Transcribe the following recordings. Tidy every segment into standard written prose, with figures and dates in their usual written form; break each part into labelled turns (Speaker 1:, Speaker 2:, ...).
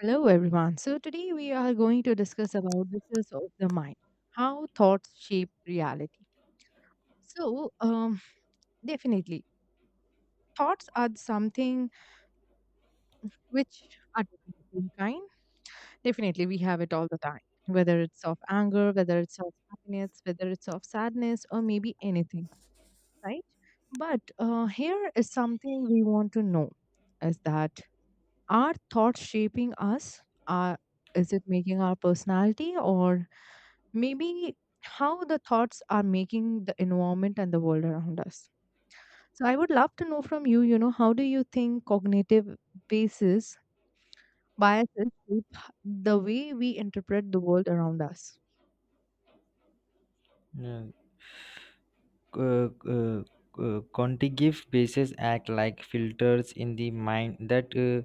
Speaker 1: Hello everyone. So today we are going to discuss about visuals of the mind, how thoughts shape reality. So definitely, thoughts are something which are different kind. Definitely, we have it all the time, whether it's of anger, whether it's of happiness, whether it's of sadness, or maybe anything, right? But here is something we want to know: is that are thoughts shaping us? Are Is it making our personality, or maybe how the thoughts are making the environment and the world around us? So I would love to know from you, how do you think cognitive basis biases shape the way we interpret the world around us?
Speaker 2: Yeah. Uh, uh, Contiguous bases act like filters in the mind that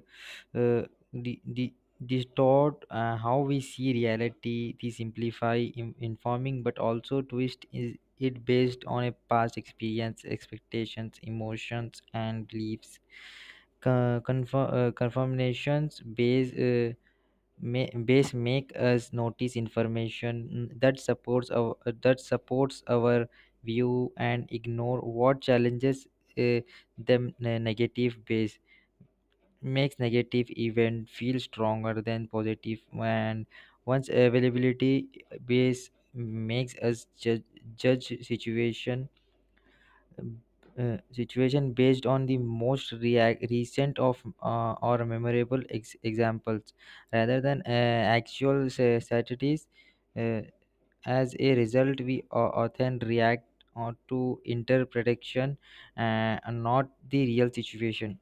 Speaker 2: uh, di- di- distort how we see reality. They simplify informing, but also twist is it based on a past experience, expectations, emotions, and beliefs. Confirmations based may, base make us notice information that supports our view and ignore what challenges uh, them. The negative base makes negative event feel stronger than positive, and once availability base makes us judge situation based on the most react recent of or memorable examples rather than actual statistics. uh, as a result, we often react or to interpretation, and not the real situation.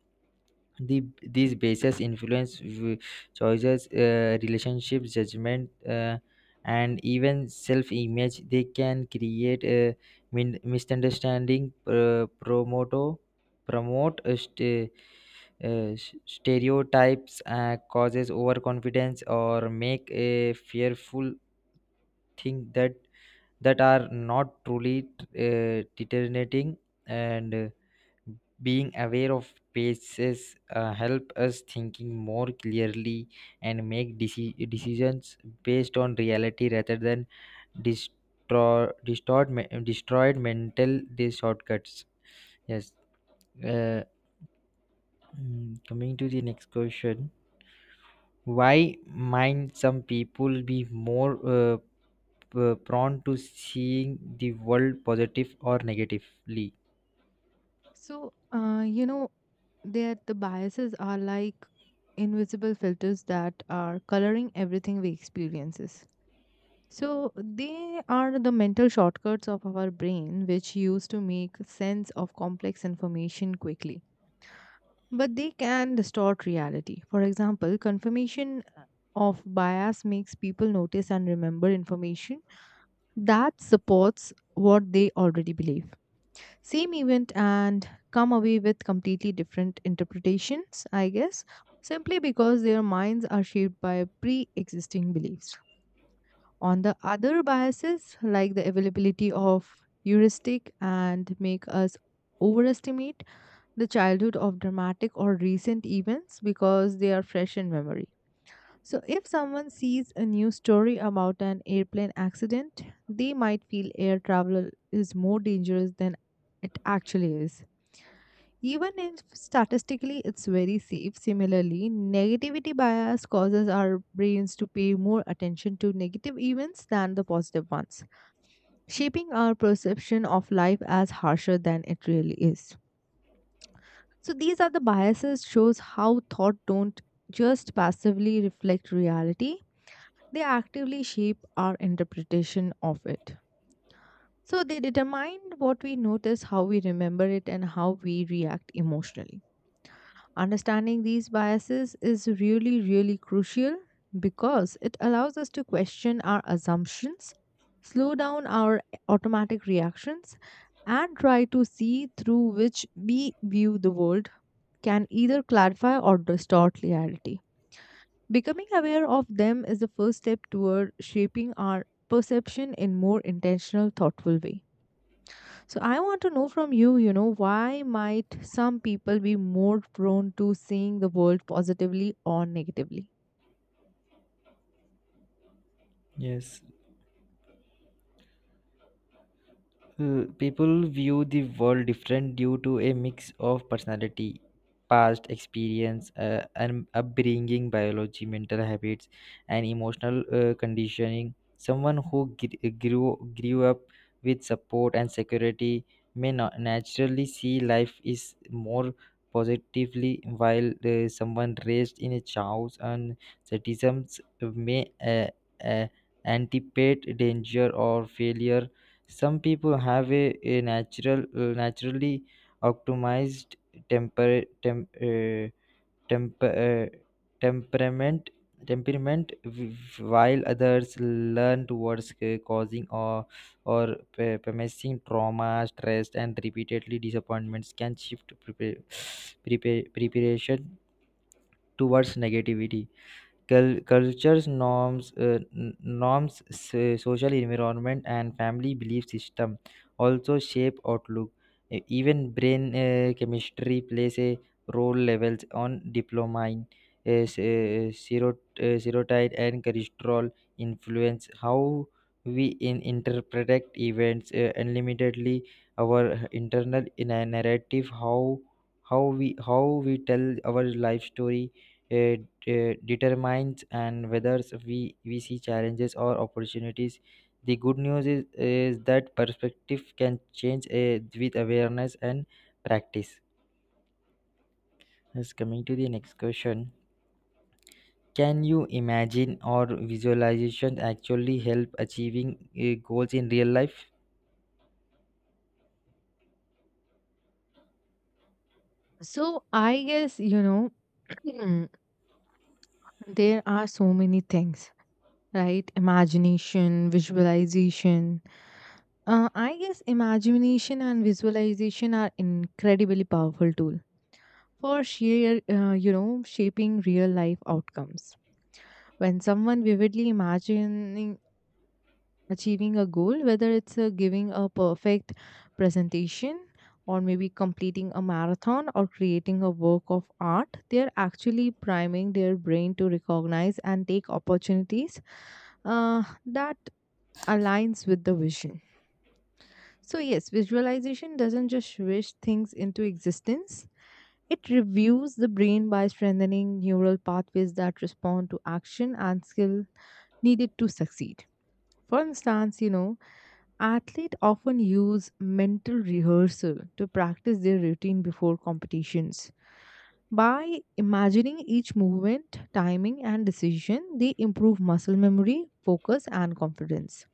Speaker 2: These bases influence choices, relationships, judgment, and even self-image. They can create a misunderstanding, promoto promote stereotypes, causes overconfidence, or make a fearful thing that are not truly determinating. And being aware of spaces help us thinking more clearly and make decisions based on reality rather than destroyed mental these shortcuts. Yes. uh, Coming to the next question: why might some people be more uh, prone to seeing the world positive or negatively?
Speaker 1: So, that the biases are like invisible filters that are coloring everything we experiences. So, they are the mental shortcuts of our brain which used to make sense of complex information quickly, but they can distort reality. For example, confirmation of bias makes people notice and remember information that supports what they already believe. Same event and come away with completely different interpretations, I guess, simply because their minds are shaped by pre existing beliefs. On the other biases, like the availability of heuristic and make us overestimate the childhood of dramatic or recent events because they are fresh in memory. So, if someone sees a news story about an airplane accident, they might feel air travel is more dangerous than it actually is. Even if statistically it's very safe, similarly, negativity bias causes our brains to pay more attention to negative events than the positive ones, shaping our perception of life as harsher than it really is. So these are the biases shows how thought don't just passively reflect reality, they actively shape our interpretation of it. So they determine what we notice, how we remember it, and how we react emotionally. Understanding these biases is really really crucial because it allows us to question our assumptions, slow down our automatic reactions, and try to see through which we view the world can either clarify or distort reality. Becoming aware of them is the first step toward shaping our perception in more intentional thoughtful way. So I want to know from you, you know why might some people be more prone to seeing the world positively or negatively?
Speaker 2: Yes. People view the world different due to a mix of personality, past experience, and upbringing, biology, mental habits, and emotional conditioning. Someone who grew up with support and security may not naturally see life is more positively, while someone raised in a chaos and sadism may uh, anticipate danger or failure. Some people have a natural, naturally optimized temper, tem, uh, temper, uh, temperament, temperament, while others learn towards causing or permissive. Trauma, stress, and repeatedly disappointments can shift preparation towards negativity. Cultures norms n- norms social environment, and family belief system also shape outlook. Even brain chemistry plays a role. Levels on dopamine, serotonin, and cholesterol influence how we interpret events unlimitedly. Our internal in a narrative, how how we how we tell our life story, uh, determines and whether we see challenges or opportunities. The good news is that perspective can change with awareness and practice. Yes, coming to the next question. Can you imagine or visualization actually help achieving goals in real life?
Speaker 1: So I guess, there are so many things, right? Imagination, visualization, I guess imagination and visualization are incredibly powerful tool for sheer, shaping real life outcomes. When someone vividly imagining achieving a goal, whether it's giving a perfect presentation, or maybe completing a marathon or creating a work of art, they're actually priming their brain to recognize and take opportunities that aligns with the vision. So yes, visualization doesn't just wish things into existence. It reviews the brain by strengthening neural pathways that respond to action and skill needed to succeed. For instance, athletes often use mental rehearsal to practice their routine before competitions. By imagining each movement, timing, and decision, they improve muscle memory, focus, and confidence.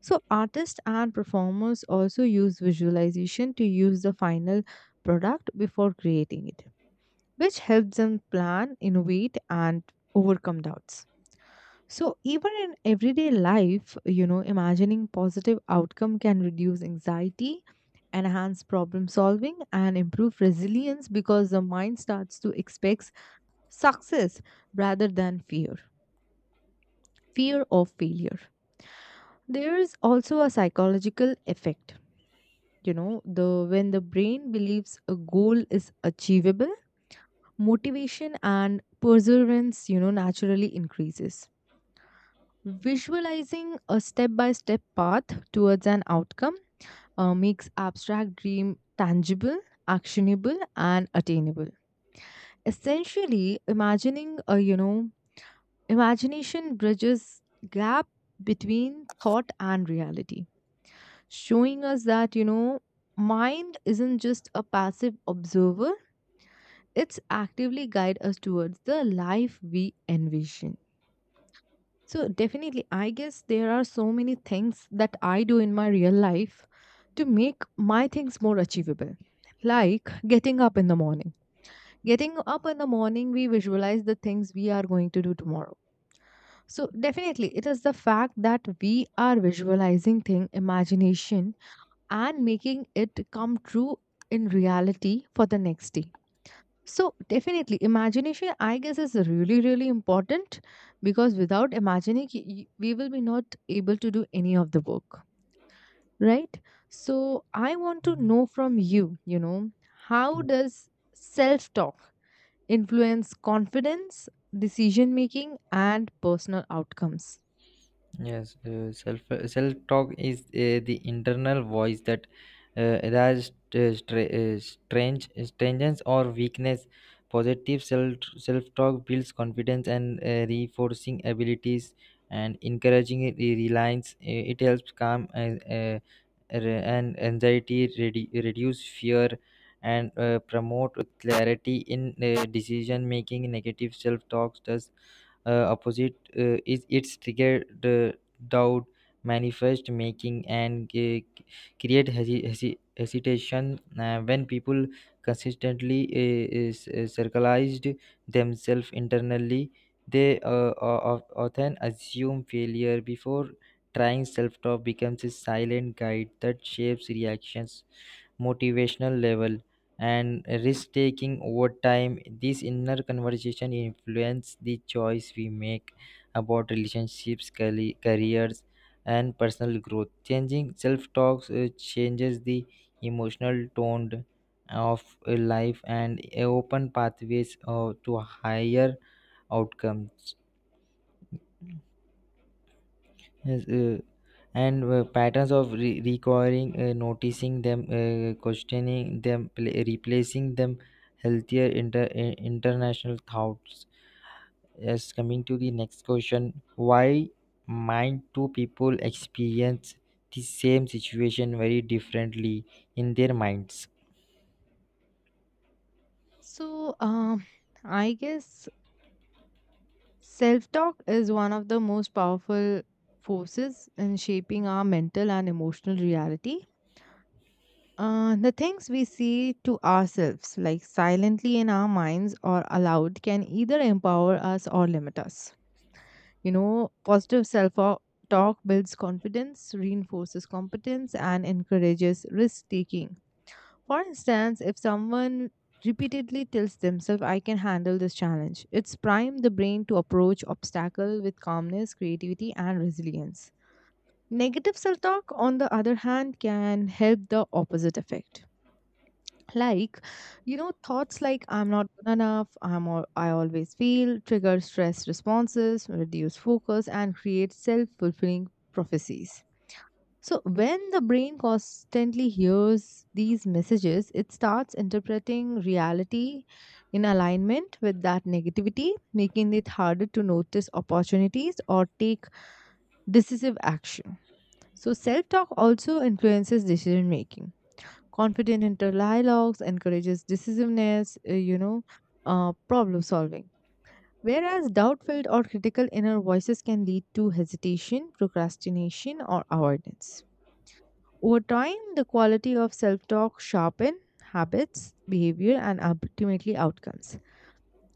Speaker 1: So, artists and performers also use visualization to use the final product before creating it, which helps them plan, innovate, and overcome doubts. So, even in everyday life, imagining positive outcome can reduce anxiety, enhance problem solving, and improve resilience because the mind starts to expect success rather than fear, fear of failure. There is also a psychological effect. You know, the when the brain believes a goal is achievable, motivation and perseverance, naturally increases. Visualizing a step by step path towards an outcome makes abstract dream tangible, actionable, and attainable. Essentially, imagining a, you know, imagination bridges gap between thought and reality, showing us that, mind isn't just a passive observer, it's actively guide us towards the life we envision. So definitely, I guess there are so many things that I do in my real life to make my things more achievable. Like getting up in the morning. Getting up in the morning, we visualize the things we are going to do tomorrow. So definitely, it is the fact that we are visualizing thing, imagination, and making it come true in reality for the next day. So definitely, imagination, I guess, is really, really important because without imagining, we will be not able to do any of the work, right? So I want to know from you, how does self-talk influence confidence, decision making, and personal outcomes?
Speaker 2: Yes. Self talk is the internal voice that has strangeness or weakness. Positive self talk builds confidence and reinforcing abilities and encouraging reliance. It helps calm uh, and anxiety, reduce fear, and promote clarity in decision making. Negative self talks does opposite. Is its triggered doubt, manifest making, and create hesitation when people consistently is circularized themselves internally. They often assume failure before trying. Self-talk becomes a silent guide that shapes reactions, motivational level, and risk taking over time. This inner conversation influence the choice we make about relationships, careers, and personal growth. Changing self talks changes the emotional tone of life and open pathways to higher outcomes. Yes. And Patterns of requiring, noticing them, questioning them, replacing them, healthier international thoughts. Yes, coming to the next question: why might two people experience the same situation very differently in their minds?
Speaker 1: So I guess self-talk is one of the most powerful forces in shaping our mental and emotional reality. The things we say to ourselves, like silently in our minds or aloud, can either empower us or limit us. Positive self talk builds confidence, reinforces competence, and encourages risk taking. For instance, if someone repeatedly tells themselves, I can handle this challenge, it's prime the brain to approach obstacle with calmness, creativity, and resilience. Negative self talk, on the other hand, can help the opposite effect, like, thoughts like I'm not good enough, I always fail, trigger stress responses, reduce focus, and create self-fulfilling prophecies. So when the brain constantly hears these messages, it starts interpreting reality in alignment with that negativity, making it harder to notice opportunities or take decisive action. So self-talk also influences decision making. Confident inter dialogues encourages decisiveness, problem solving. Whereas doubt-filled or critical inner voices can lead to hesitation, procrastination, or avoidance. Over time, the quality of self-talk sharpen habits, behavior, and ultimately outcomes.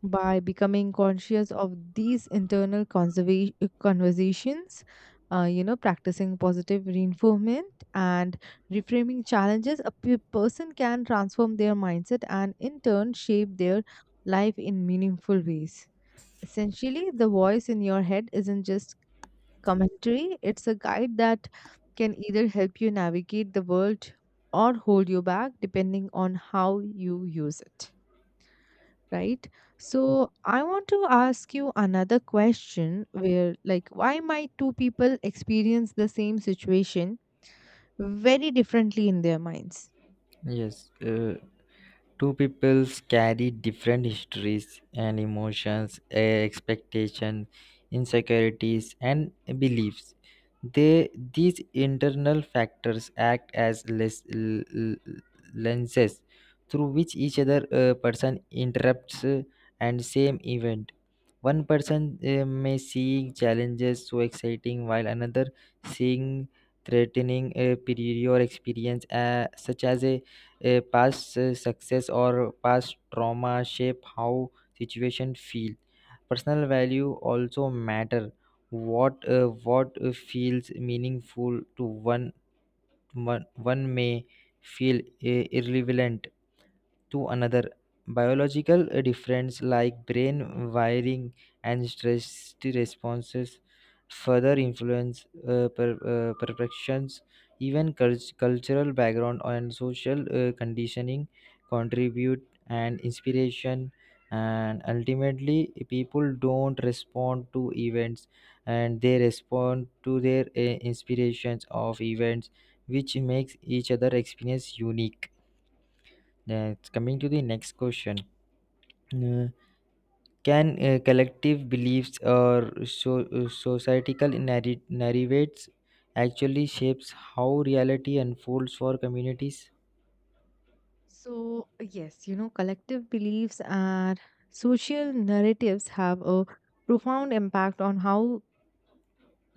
Speaker 1: By becoming conscious of these internal conversations, practicing positive reinforcement and reframing challenges, a person can transform their mindset and in turn shape their life in meaningful ways. Essentially, the voice in your head isn't just commentary, it's a guide that can either help you navigate the world or hold you back depending on how you use it, right? So I want to ask you another question, where, like, why might two people experience the same situation very differently in their minds?
Speaker 2: Yes. Two peoples carry different histories and emotions, expectations, insecurities, and beliefs. These internal factors act as lenses through which each other person interrupts and same event. One person may see challenges so exciting, while another seeing threatening a superior experience, such as a past success or past trauma shape how situation feel. Personal value also matter. What feels meaningful to one may feel irrelevant to another. Biological difference like brain wiring and stress responses further influence perceptions. Even cultural background and social conditioning contribute and inspiration. And ultimately people don't respond to events, and they respond to their inspirations of events, which makes each other experience unique. Next, coming to the next question. Uh, can collective beliefs or societal narratives actually shapes how reality unfolds for communities?
Speaker 1: So yes, collective beliefs and social narratives have a profound impact on how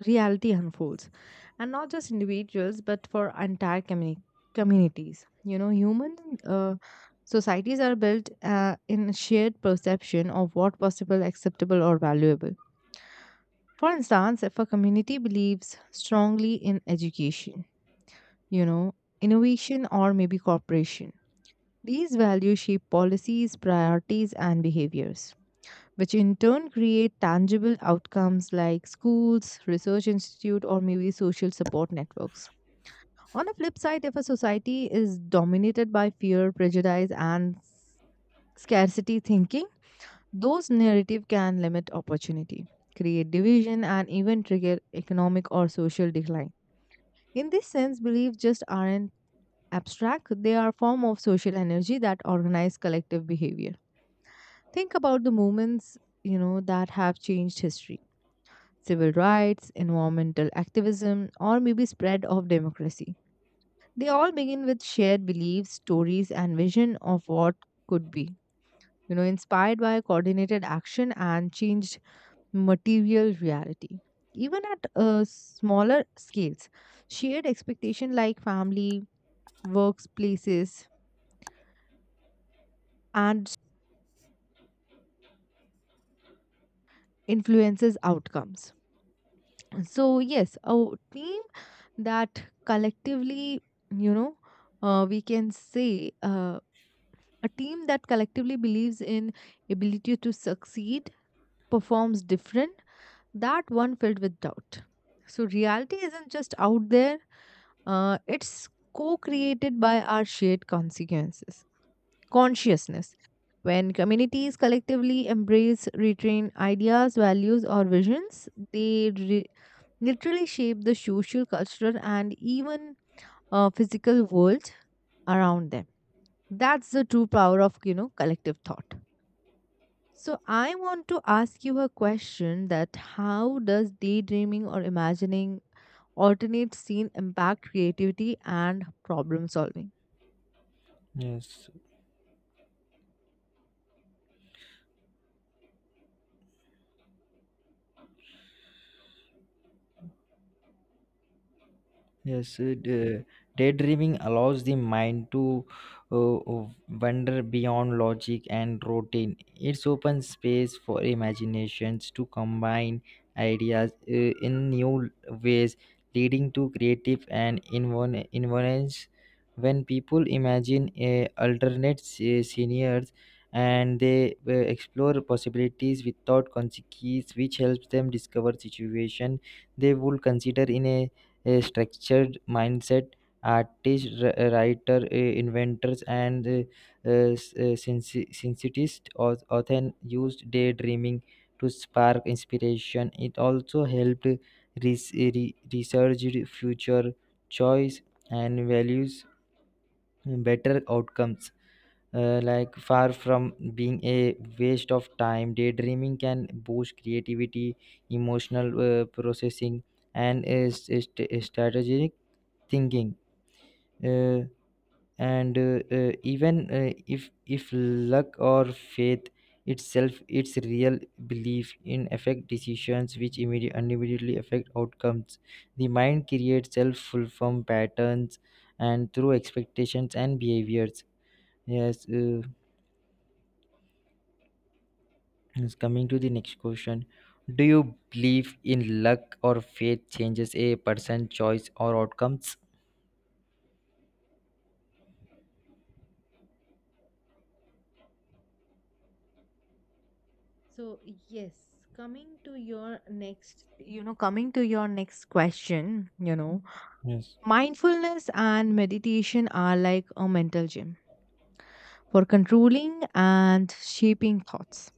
Speaker 1: reality unfolds, and not just individuals but for entire communities. Human uh, societies are built in shared perception of what possible, acceptable, or valuable. For instance, if a community believes strongly in education, you know innovation, or maybe cooperation, these values shape policies, priorities, and behaviors, which in turn create tangible outcomes like schools, research institute, or maybe social support networks. On the flip side, if a society is dominated by fear, prejudice, and scarcity thinking, those narrative can limit opportunity, create division, and even trigger economic or social decline. In this sense, beliefs just aren't abstract; they are a form of social energy that organize collective behavior. Think about the movements that have changed history: civil rights, environmental activism, or maybe spread of democracy. They all begin with shared beliefs, stories, and vision of what could be, inspired by coordinated action and changed material reality. Even at smaller scales, shared expectation like family, workplaces, and influences outcomes. So, yes, a team that collectively, you know, we can say A team that collectively believes in ability to succeed performs different that one filled with doubt. So reality isn't just out there, it's co-created by our shared consciousness. When communities collectively embrace retrained ideas, values, or visions, they literally shape the social, cultural, and even physical world around them. That's the true power of collective thought. So I want to ask you a question that how does daydreaming or imagining alternate scene impact creativity and problem solving?
Speaker 2: Yes. Yes, daydreaming allows the mind to wander beyond logic and routine. It's open space for imaginations to combine ideas in new ways, leading to creative and inventions. When people imagine alternate scenarios and they explore possibilities without consequences, which helps them discover situation they would consider in a structured mindset. Artists, writer, inventors, and uh, sensitivists often used daydreaming to spark inspiration. It also helped research future choice and values better outcomes. Like, far from being a waste of time, daydreaming can boost creativity, emotional processing, and is strategic thinking, uh, and even if luck or faith itself its real belief in affect decisions, which immediately affect outcomes. The mind creates self-fulfilling patterns and through expectations and behaviors. yes uh, yes, coming to the next question: do you believe in luck or faith changes a person's choice or outcomes?
Speaker 1: So, yes, coming to your next question,
Speaker 2: yes
Speaker 1: mindfulness and meditation are like a mental gym for controlling and shaping thoughts.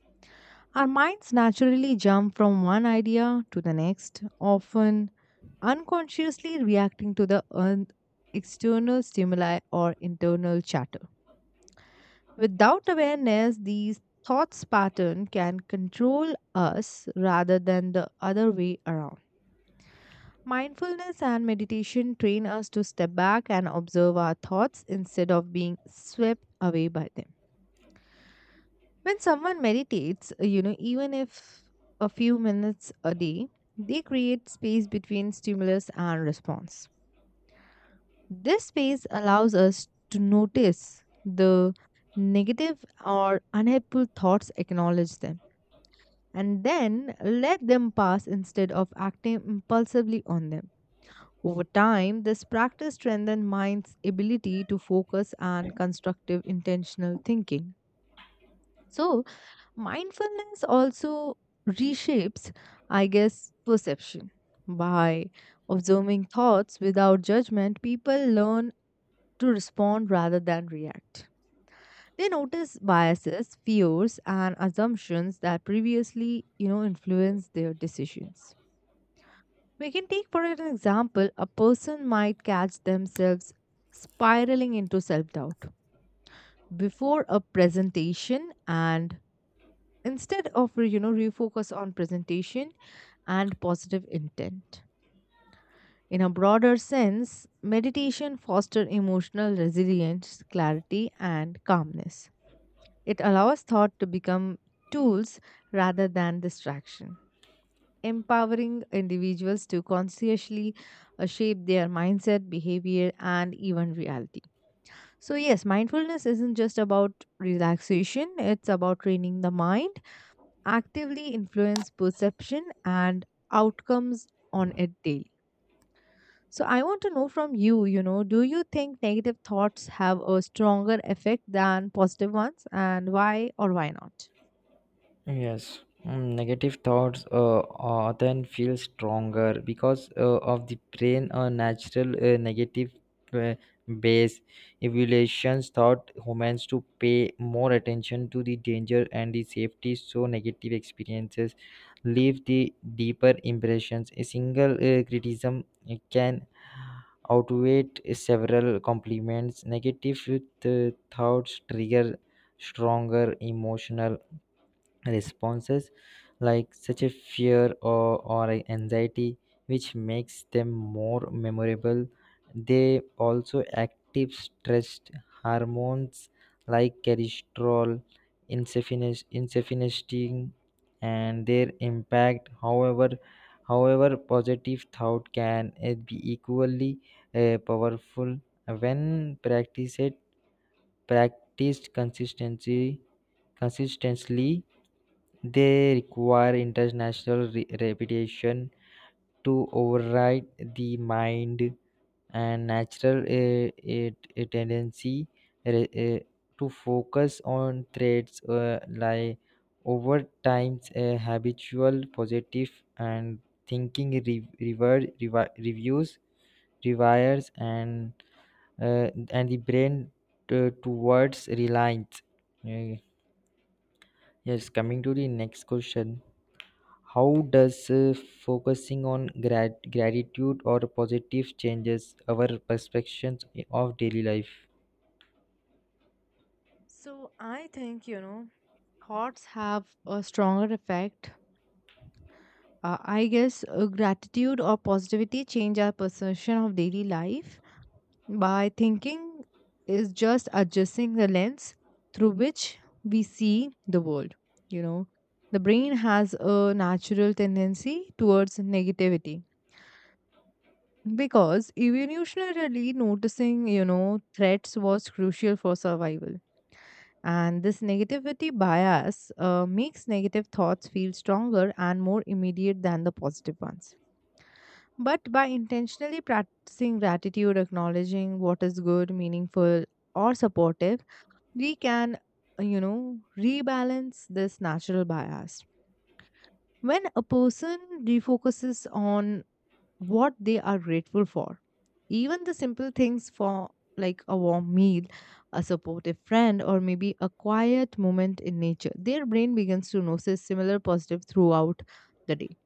Speaker 1: Our minds naturally jump from one idea to the next, often unconsciously reacting to the external stimuli or internal chatter. Without awareness, these thoughts pattern can control us rather than the other way around. Mindfulness and meditation train us to step back and observe our thoughts instead of being swept away by them. When someone meditates, even if a few minutes a day, they create space between stimulus and response. This space allows us to notice the negative or unhelpful thoughts, acknowledge them, and then let them pass instead of acting impulsively on them. Over time, this practice strengthens mind's ability to focus and constructive intentional thinking. So, mindfulness also reshapes, I guess, perception. By observing thoughts without judgment, people learn to respond rather than react. They notice biases, fears, and assumptions that previously, influenced their decisions. We can take, for an example, a person might catch themselves spiraling into self doubt before a presentation and instead of refocus on presentation and positive intent. In a broader sense, meditation fosters emotional resilience, clarity, and calmness. It allows thought to become tools rather than distraction, empowering individuals to consciously shape their mindset, behavior, and even reality. So, yes, mindfulness isn't just about relaxation, it's about training the mind, actively influence perception and outcomes on a daily. So I want to know from you, you know, do you think negative thoughts have a stronger effect than positive ones and why or why not?
Speaker 2: Yes. Negative thoughts often feel stronger because of the brain a natural negative uh, base evaluations taught humans to pay more attention to the danger and the safety, so negative experiences leave the deeper impressions. A single criticism can outweigh several compliments. Negative thoughts trigger stronger emotional responses like such a fear or a anxiety, which makes them more memorable. They also active stress hormones like cholesterol, insefinestine, and their impact. However, positive thought can be equally powerful when practiced practiced consistency consistently. They require international reputation to override the mind and natural it- a tendency re- uh, to focus on traits like. Over time, habitual positive and thinking re- rever- revi- reviews rewires and the brain to towards reliance. Uh, yes, coming to the next question: how does focusing on gratitude or positive changes our perceptions of daily life?
Speaker 1: So I think, you know, thoughts have a stronger effect. I guess gratitude or positivity change our perception of daily life by thinking is just adjusting the lens through which we see the world. You know, the brain has a natural tendency towards negativity because evolutionarily noticing, you know, threats was crucial for survival. And this negativity bias makes negative thoughts feel stronger and more immediate than the positive ones. But by intentionally practicing gratitude, acknowledging what is good, meaningful, or supportive, we can, you know, rebalance this natural bias. When a person refocuses on what they are grateful for, even the simple things for like a warm meal, a supportive friend, or maybe a quiet moment in nature, their brain begins to notice similar positive throughout the day.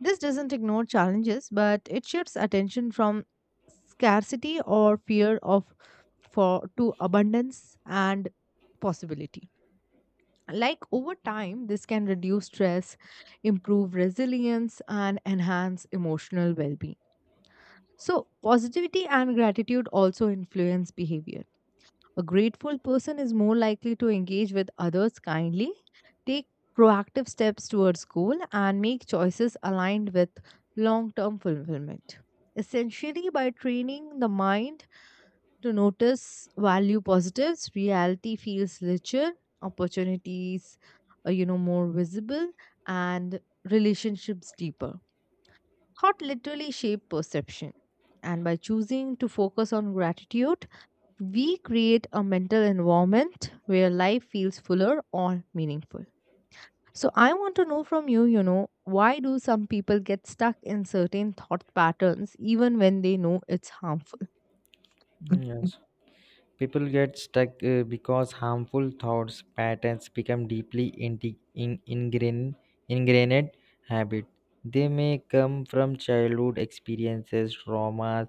Speaker 1: This doesn't ignore challenges, but it shifts attention from scarcity or fear of for to abundance and possibility. Like over time, this can reduce stress, improve resilience, and enhance emotional well being. So, positivity and gratitude also influence behavior. A grateful person is more likely to engage with others kindly, take proactive steps towards goal, and make choices aligned with long term fulfillment. Essentially, by training the mind to notice value positives, reality feels richer, opportunities are, you know, more visible, and relationships deeper. Thought literally shape perception. And by choosing to focus on gratitude, we create a mental environment where life feels fuller or meaningful. So, I want to know from you, you know, why do some people get stuck in certain thought patterns even when they know it's harmful?
Speaker 2: Yes. People get stuck because harmful thoughts patterns become deeply ingrained habit. They may come from childhood experiences, traumas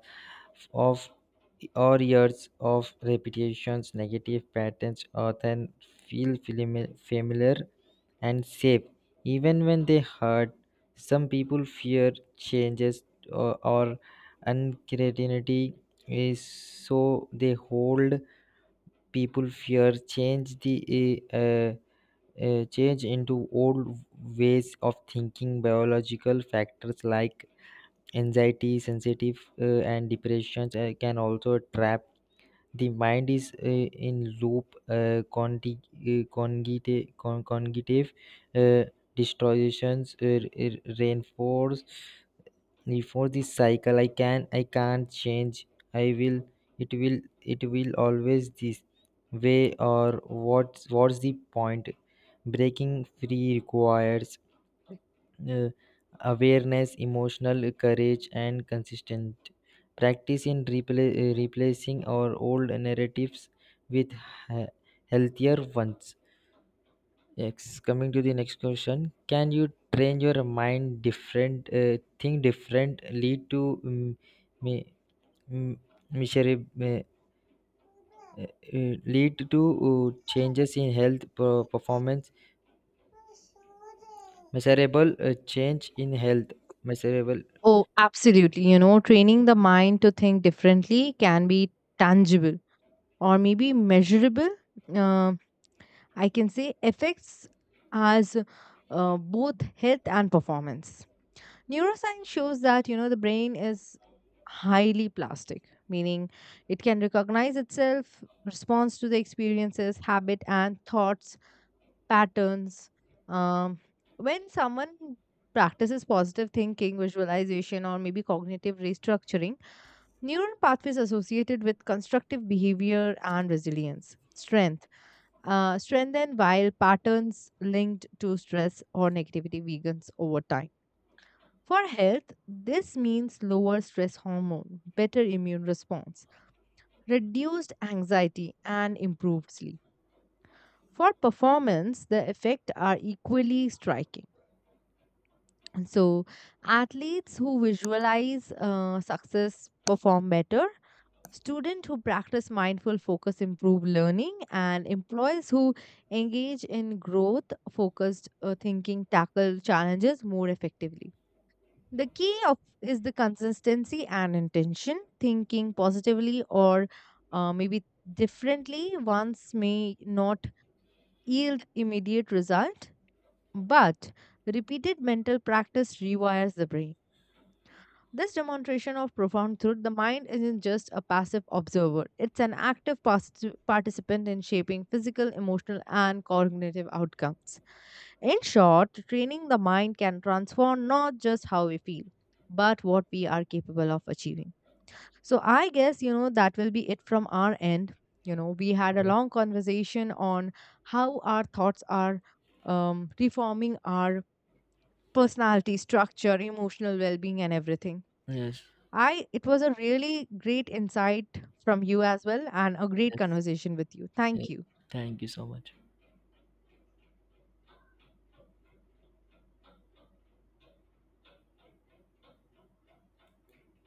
Speaker 2: of or years of repetitions. Negative patterns often feel familiar and safe, even when they hurt. Some people fear changes or uncertainty, is so they hold. People fear change the change into old ways of thinking. Biological factors like anxiety sensitive and depressions can also trap the mind is in loop. Cognitive uh, distortions reinforce before this cycle. I can't change, I will it will it will always this way, or what's the point. Breaking free requires uh, awareness, emotional courage, and consistent practice in replacing our old narratives with he- healthier ones. Yes, coming to the next question: can you train your mind different, think differently to me, m- measure, me- lead to changes in health performance, measurable change in health, measurable?
Speaker 1: Oh, absolutely. You know, training the mind to think differently can be tangible or maybe measurable. Um, I can say effects as both health and performance. Neuroscience shows that, you know, the brain is highly plastic, meaning it can recognize itself, responds to the experiences, habit, and thoughts, patterns. Um, when someone practices positive thinking, visualization, or maybe cognitive restructuring, neural pathways associated with constructive behavior and resilience, strength, strengthen while patterns linked to stress or negativity weakens over time. For health, this means lower stress hormone, better immune response, reduced anxiety, and improved sleep. For performance, the effects are equally striking. So, athletes who visualize success perform better. Students who practice mindful focus improve learning, and employees who engage in growth focused thinking tackle challenges more effectively. The key of is the consistency and intention. Thinking positively or maybe differently once may not yield immediate result, but repeated mental practice rewires the brain. This demonstration of profound truth, the mind isn't just a passive observer. It's an active participant in shaping physical, emotional, and cognitive outcomes. In short, training the mind can transform not just how we feel, but what we are capable of achieving. So I guess, you know, that will be it from our end. You know, we had a long conversation on how our thoughts are reforming our personality structure, emotional well being, and everything.
Speaker 2: Yes,
Speaker 1: I It was a really great insight from you as well and a great
Speaker 2: yes,
Speaker 1: conversation with you.
Speaker 2: yes.
Speaker 1: Thank you.
Speaker 2: Thank you so much.